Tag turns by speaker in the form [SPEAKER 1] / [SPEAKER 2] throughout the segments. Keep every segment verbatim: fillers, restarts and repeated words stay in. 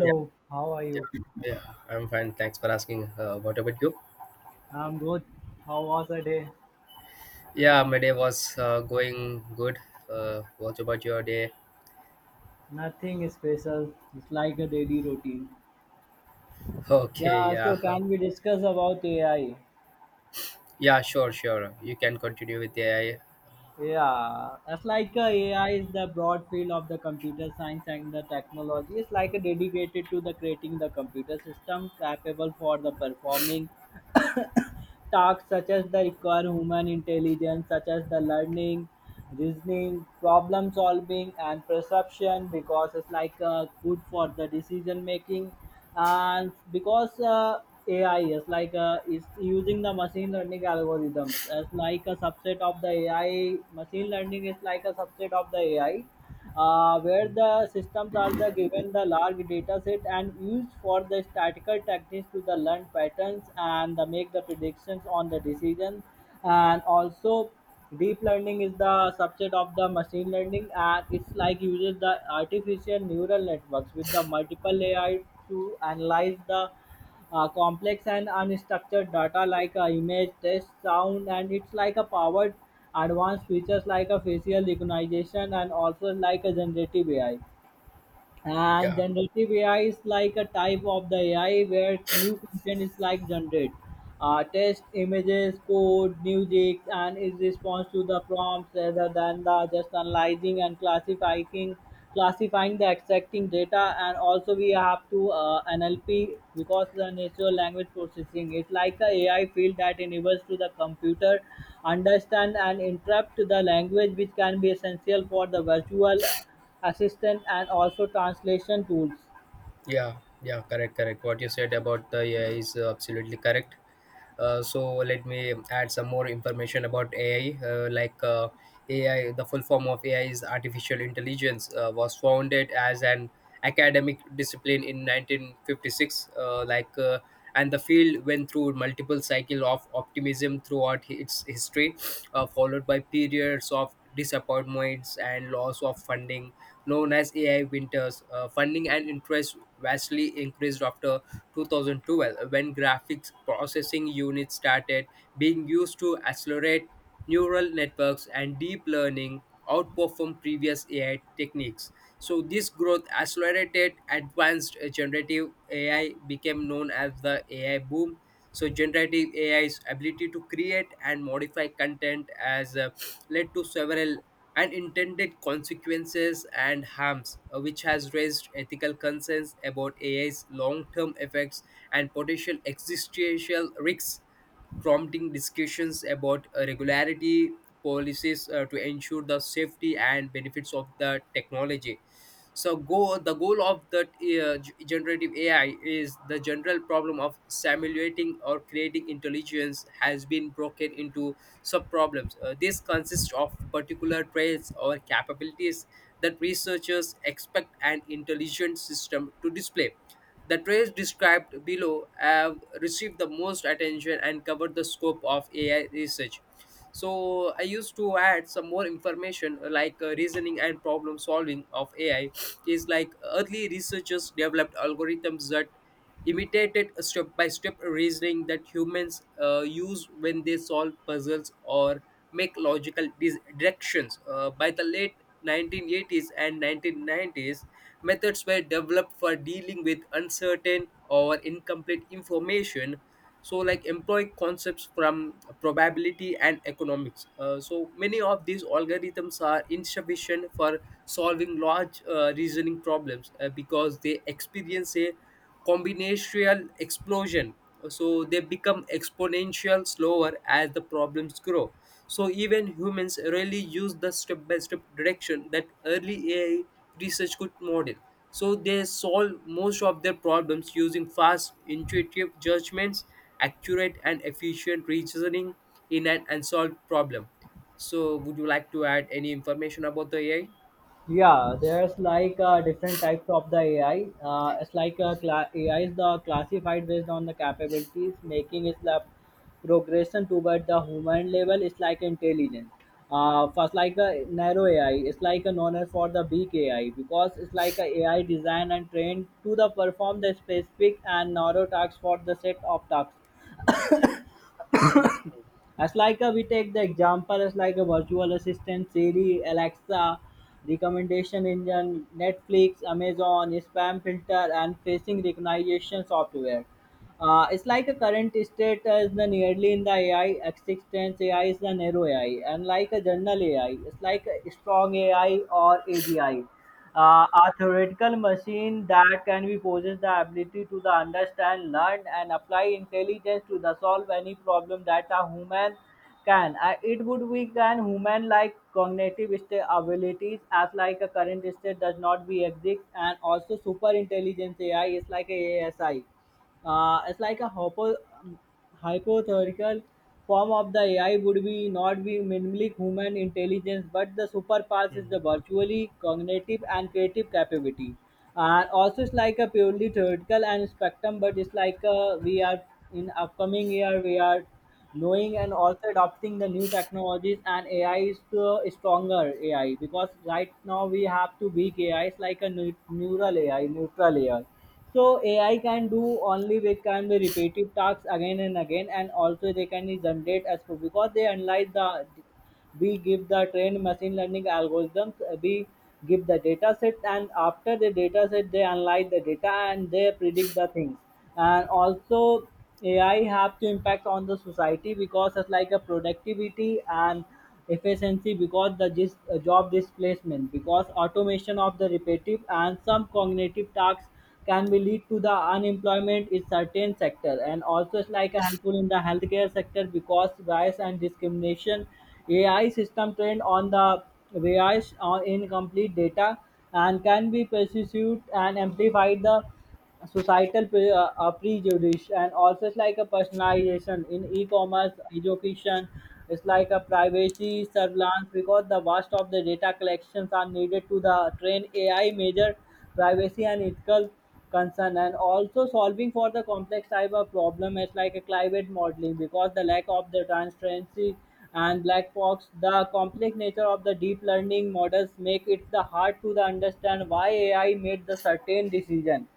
[SPEAKER 1] Yeah,
[SPEAKER 2] how are you?
[SPEAKER 1] yeah, yeah. I'm fine. Thanks for asking. Uh, what about you?
[SPEAKER 2] I'm good. How was the day?
[SPEAKER 1] Yeah, my day was uh, going good. Uh, what about your day?
[SPEAKER 2] Nothing special. It's like a daily routine.
[SPEAKER 1] Okay,
[SPEAKER 2] Yeah, so
[SPEAKER 1] yeah,
[SPEAKER 2] can we discuss about A I?
[SPEAKER 1] yeah, sure, sure. You can continue with the A I.
[SPEAKER 2] Yeah, that's like uh, A I is the broad field of the computer science and the technology. It's like a dedicated to the creating the computer system capable for the performing tasks such as the require human intelligence, such as the learning, reasoning, problem solving, and perception, because it's like uh, good for the decision making, and because uh, A I is like uh, is using the machine learning algorithms as like a subset of the A I. Machine learning is like a subset of the A I, uh, where the systems are the given the large data set and used for the statistical techniques to the learn patterns and the make the predictions on the decision, and also deep learning is the subset of the machine learning and it's like uses the artificial neural networks with the multiple ai to analyze the uh, complex and unstructured data like uh, image, text, sound, and it's like a powered advanced features like a facial recognition and also like a generative A I. And
[SPEAKER 1] Yeah,
[SPEAKER 2] generative A I is like a type of the A I where new content is like generate. Uh, text, images, code, music, and is response to the prompts rather than the just analyzing and classifying, classifying the extracting data. And also we have to uh, N L P because the natural language processing is like a AI field that enables to the computer understand and interpret the language, which can be essential for the virtual assistant and also translation tools.
[SPEAKER 1] Yeah, yeah, correct, correct. What you said about the A I is uh, absolutely correct. Uh, so let me add some more information about A I. Uh, like uh, A I, the full form of A I is artificial intelligence. Uh, was founded as an academic discipline in nineteen fifty-six. Uh, like, uh, and the field went through multiple cycle of optimism throughout hi- its history, uh, followed by periods of disappointments and loss of funding known as A I winters. Uh, funding and interest vastly increased after two thousand twelve when graphics processing units started being used to accelerate neural networks and deep learning outperform previous A I techniques. So this growth accelerated advanced uh, generative A I became known as the A I boom. So generative A I's ability to create and modify content has uh, led to several and intended consequences and harms, uh, which has raised ethical concerns about A I's long term effects and potential existential risks, prompting discussions about uh, regularity policies uh, to ensure the safety and benefits of the technology so go the goal of that uh, g- generative ai is the general problem of simulating or creating intelligence has been broken into sub problems. Uh, this consists of particular traits or capabilities that researchers expect an intelligent system to display. The traits described below have received the most attention and cover the scope of A I research. So I used to add some more information uh, like uh, reasoning and problem solving of A I is like uh, early researchers developed algorithms that imitated step by step reasoning that humans uh, use when they solve puzzles or make logical dis- directions, uh, by the late nineteen eighties and nineteen nineties methods were developed for dealing with uncertain or incomplete information so like employ concepts from probability and economics, uh, so many of these algorithms are insufficient for solving large uh, reasoning problems uh, because they experience a combinatorial explosion so they become exponential slower as the problems grow. So even humans rarely use the step by step direction that early A I research could model. So they solve most of their problems using fast, intuitive judgments, accurate and efficient reasoning in an unsolved problem. So would you like to add any information about the
[SPEAKER 2] Yeah, there's like uh, different types of the ai, uh, it's like uh, cla- ai is the classified based on the capabilities making its the progression toward the human level is like intelligent. Uh, first like a narrow ai, it's like a known as for the big ai because it's like a ai designed and trained to the perform the specific and narrow tasks for the set of tasks. As like a, we take the example as like a virtual assistant, Siri, Alexa, recommendation engine, Netflix, Amazon, spam filter, and facing recognition software. Uh, it's like a current state is the nearly in the A I existence. A I is the narrow A I, and like a general AI, it's like a strong A I or A G I, uh, a theoretical machine that can be possess the ability to the understand, learn, and apply intelligence to the solve any problem that a human can. Uh, it would be can human like cognitive state abilities as like a current state does not be exist, and also super intelligence A I is like a ASI. Uh, it's like a hypo, um, hypothetical form of the A I would be not be minimally human intelligence, but the superpowers is
[SPEAKER 1] A I?
[SPEAKER 2] the virtually cognitive and creative capability. And also, it's like a purely theoretical and spectrum, but it's like uh we are in upcoming year we are knowing and also adopting the new technologies and A I is the stronger A I because right now we have two big A Is like a neu- neural A I, neutral A I. So A I can do only they can be repetitive tasks again and again, and also they can generate as proof because they analyze the, we give the trained machine learning algorithms, uh, we give the data set and after the data set they analyze the data and they predict the things, and also ai have to impact on the society because it's like a productivity and efficiency because the dis- uh, job displacement because automation of the repetitive and some cognitive tasks can be lead to the unemployment in certain sector, and also it's like a helpful in the healthcare sector because bias and discrimination A I system trained on the bias or incomplete data and can be pursued and amplified the societal pre- uh, uh, prejudice, and also it's like a personalization in e-commerce education, it's like a privacy surveillance because the vast of the data collections are needed to the train ai major privacy and ethical concern, and also solving for the complex type of problem is like a climate modeling because the lack of the transparency and black box the complex nature of the deep learning models make it the hard to the understand why ai made the certain decision.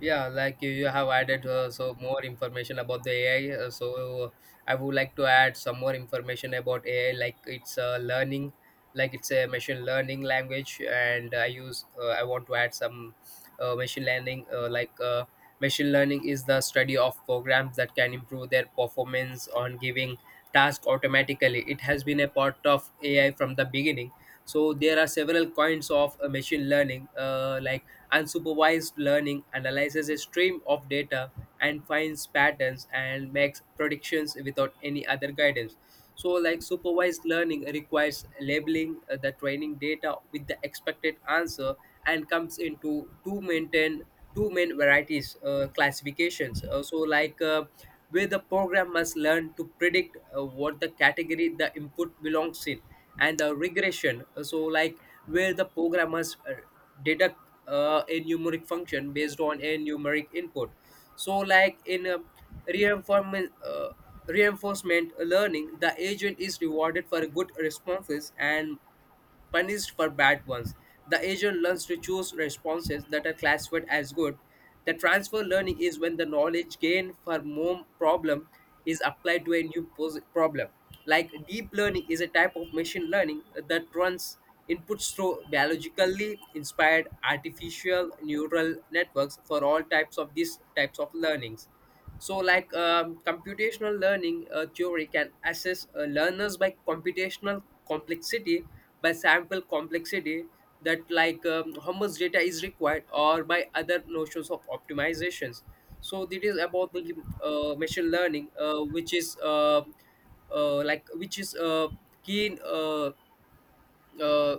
[SPEAKER 1] Yeah, like you, you have added uh, so more information about the A I. Uh, so I would like to add some more information about A I, like it's uh, learning, like it's a machine learning language, and I use uh, I want to add some uh, machine learning, uh, like uh, machine learning is the study of programs that can improve their performance on giving task automatically. It has been a part of A I from the beginning. So there are several kinds of uh, machine learning, uh, like unsupervised learning analyzes a stream of data and finds patterns and makes predictions without any other guidance. So, like supervised learning requires labeling uh, the training data with the expected answer and comes into two maintain two main varieties, uh, classifications. Uh, so, like uh, where the program must learn to predict uh, what the category the input belongs in, and the regression, so like where the programmers uh, deduct uh, a numeric function based on a numeric input. So like in a reinforcement uh, reinforcement learning the agent is rewarded for good responses and punished for bad ones. The agent learns to choose responses that are classified as good. The transfer learning is when the knowledge gained for more problem is applied to a new pos- problem. Like deep learning is a type of machine learning that runs inputs through biologically inspired artificial neural networks for all types of these types of learnings. So, like um, computational learning uh, theory can assess uh, learners by computational complexity, by sample complexity, that like um, how much data is required, or by other notions of optimizations. So, this is about the uh, machine learning, uh, which is uh, uh, like which is uh, keen uh, uh,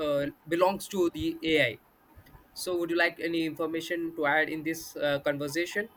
[SPEAKER 1] uh, belongs to the A I. So, would you like any information to add in this uh, conversation?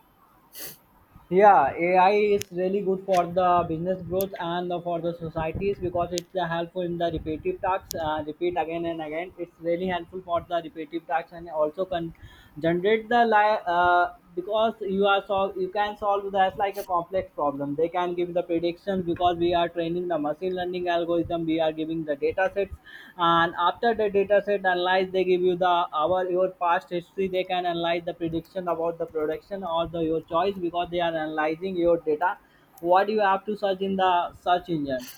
[SPEAKER 2] Yeah, A I is really good for the business growth and for the societies because it's uh, helpful in the repetitive tasks. Uh, repeat again and again. It's really helpful for the repetitive tasks and also can generate the li- uh, because you are sol- you can solve that's like a complex problem. They can give the predictions because we are training the machine learning algorithm, we are giving the data sets and after the data set analyze they give you the our your past history they can analyze the prediction about the production or the your choice because they are analyzing your data what you have to search in the search engine.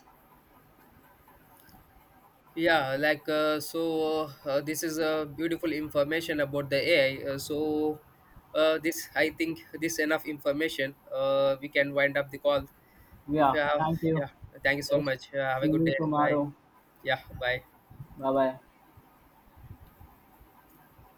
[SPEAKER 1] Yeah, like uh, so, uh, this is a beautiful information about the A I. Uh, so, uh, this I think this enough information. Uh, we can wind up the call if
[SPEAKER 2] Yeah,
[SPEAKER 1] you have.
[SPEAKER 2] thank you.
[SPEAKER 1] Yeah, thank you so
[SPEAKER 2] Yes,
[SPEAKER 1] much. Uh, have a
[SPEAKER 2] see
[SPEAKER 1] good
[SPEAKER 2] you
[SPEAKER 1] day. Bye.
[SPEAKER 2] tomorrow.
[SPEAKER 1] Yeah, bye.
[SPEAKER 2] Bye bye.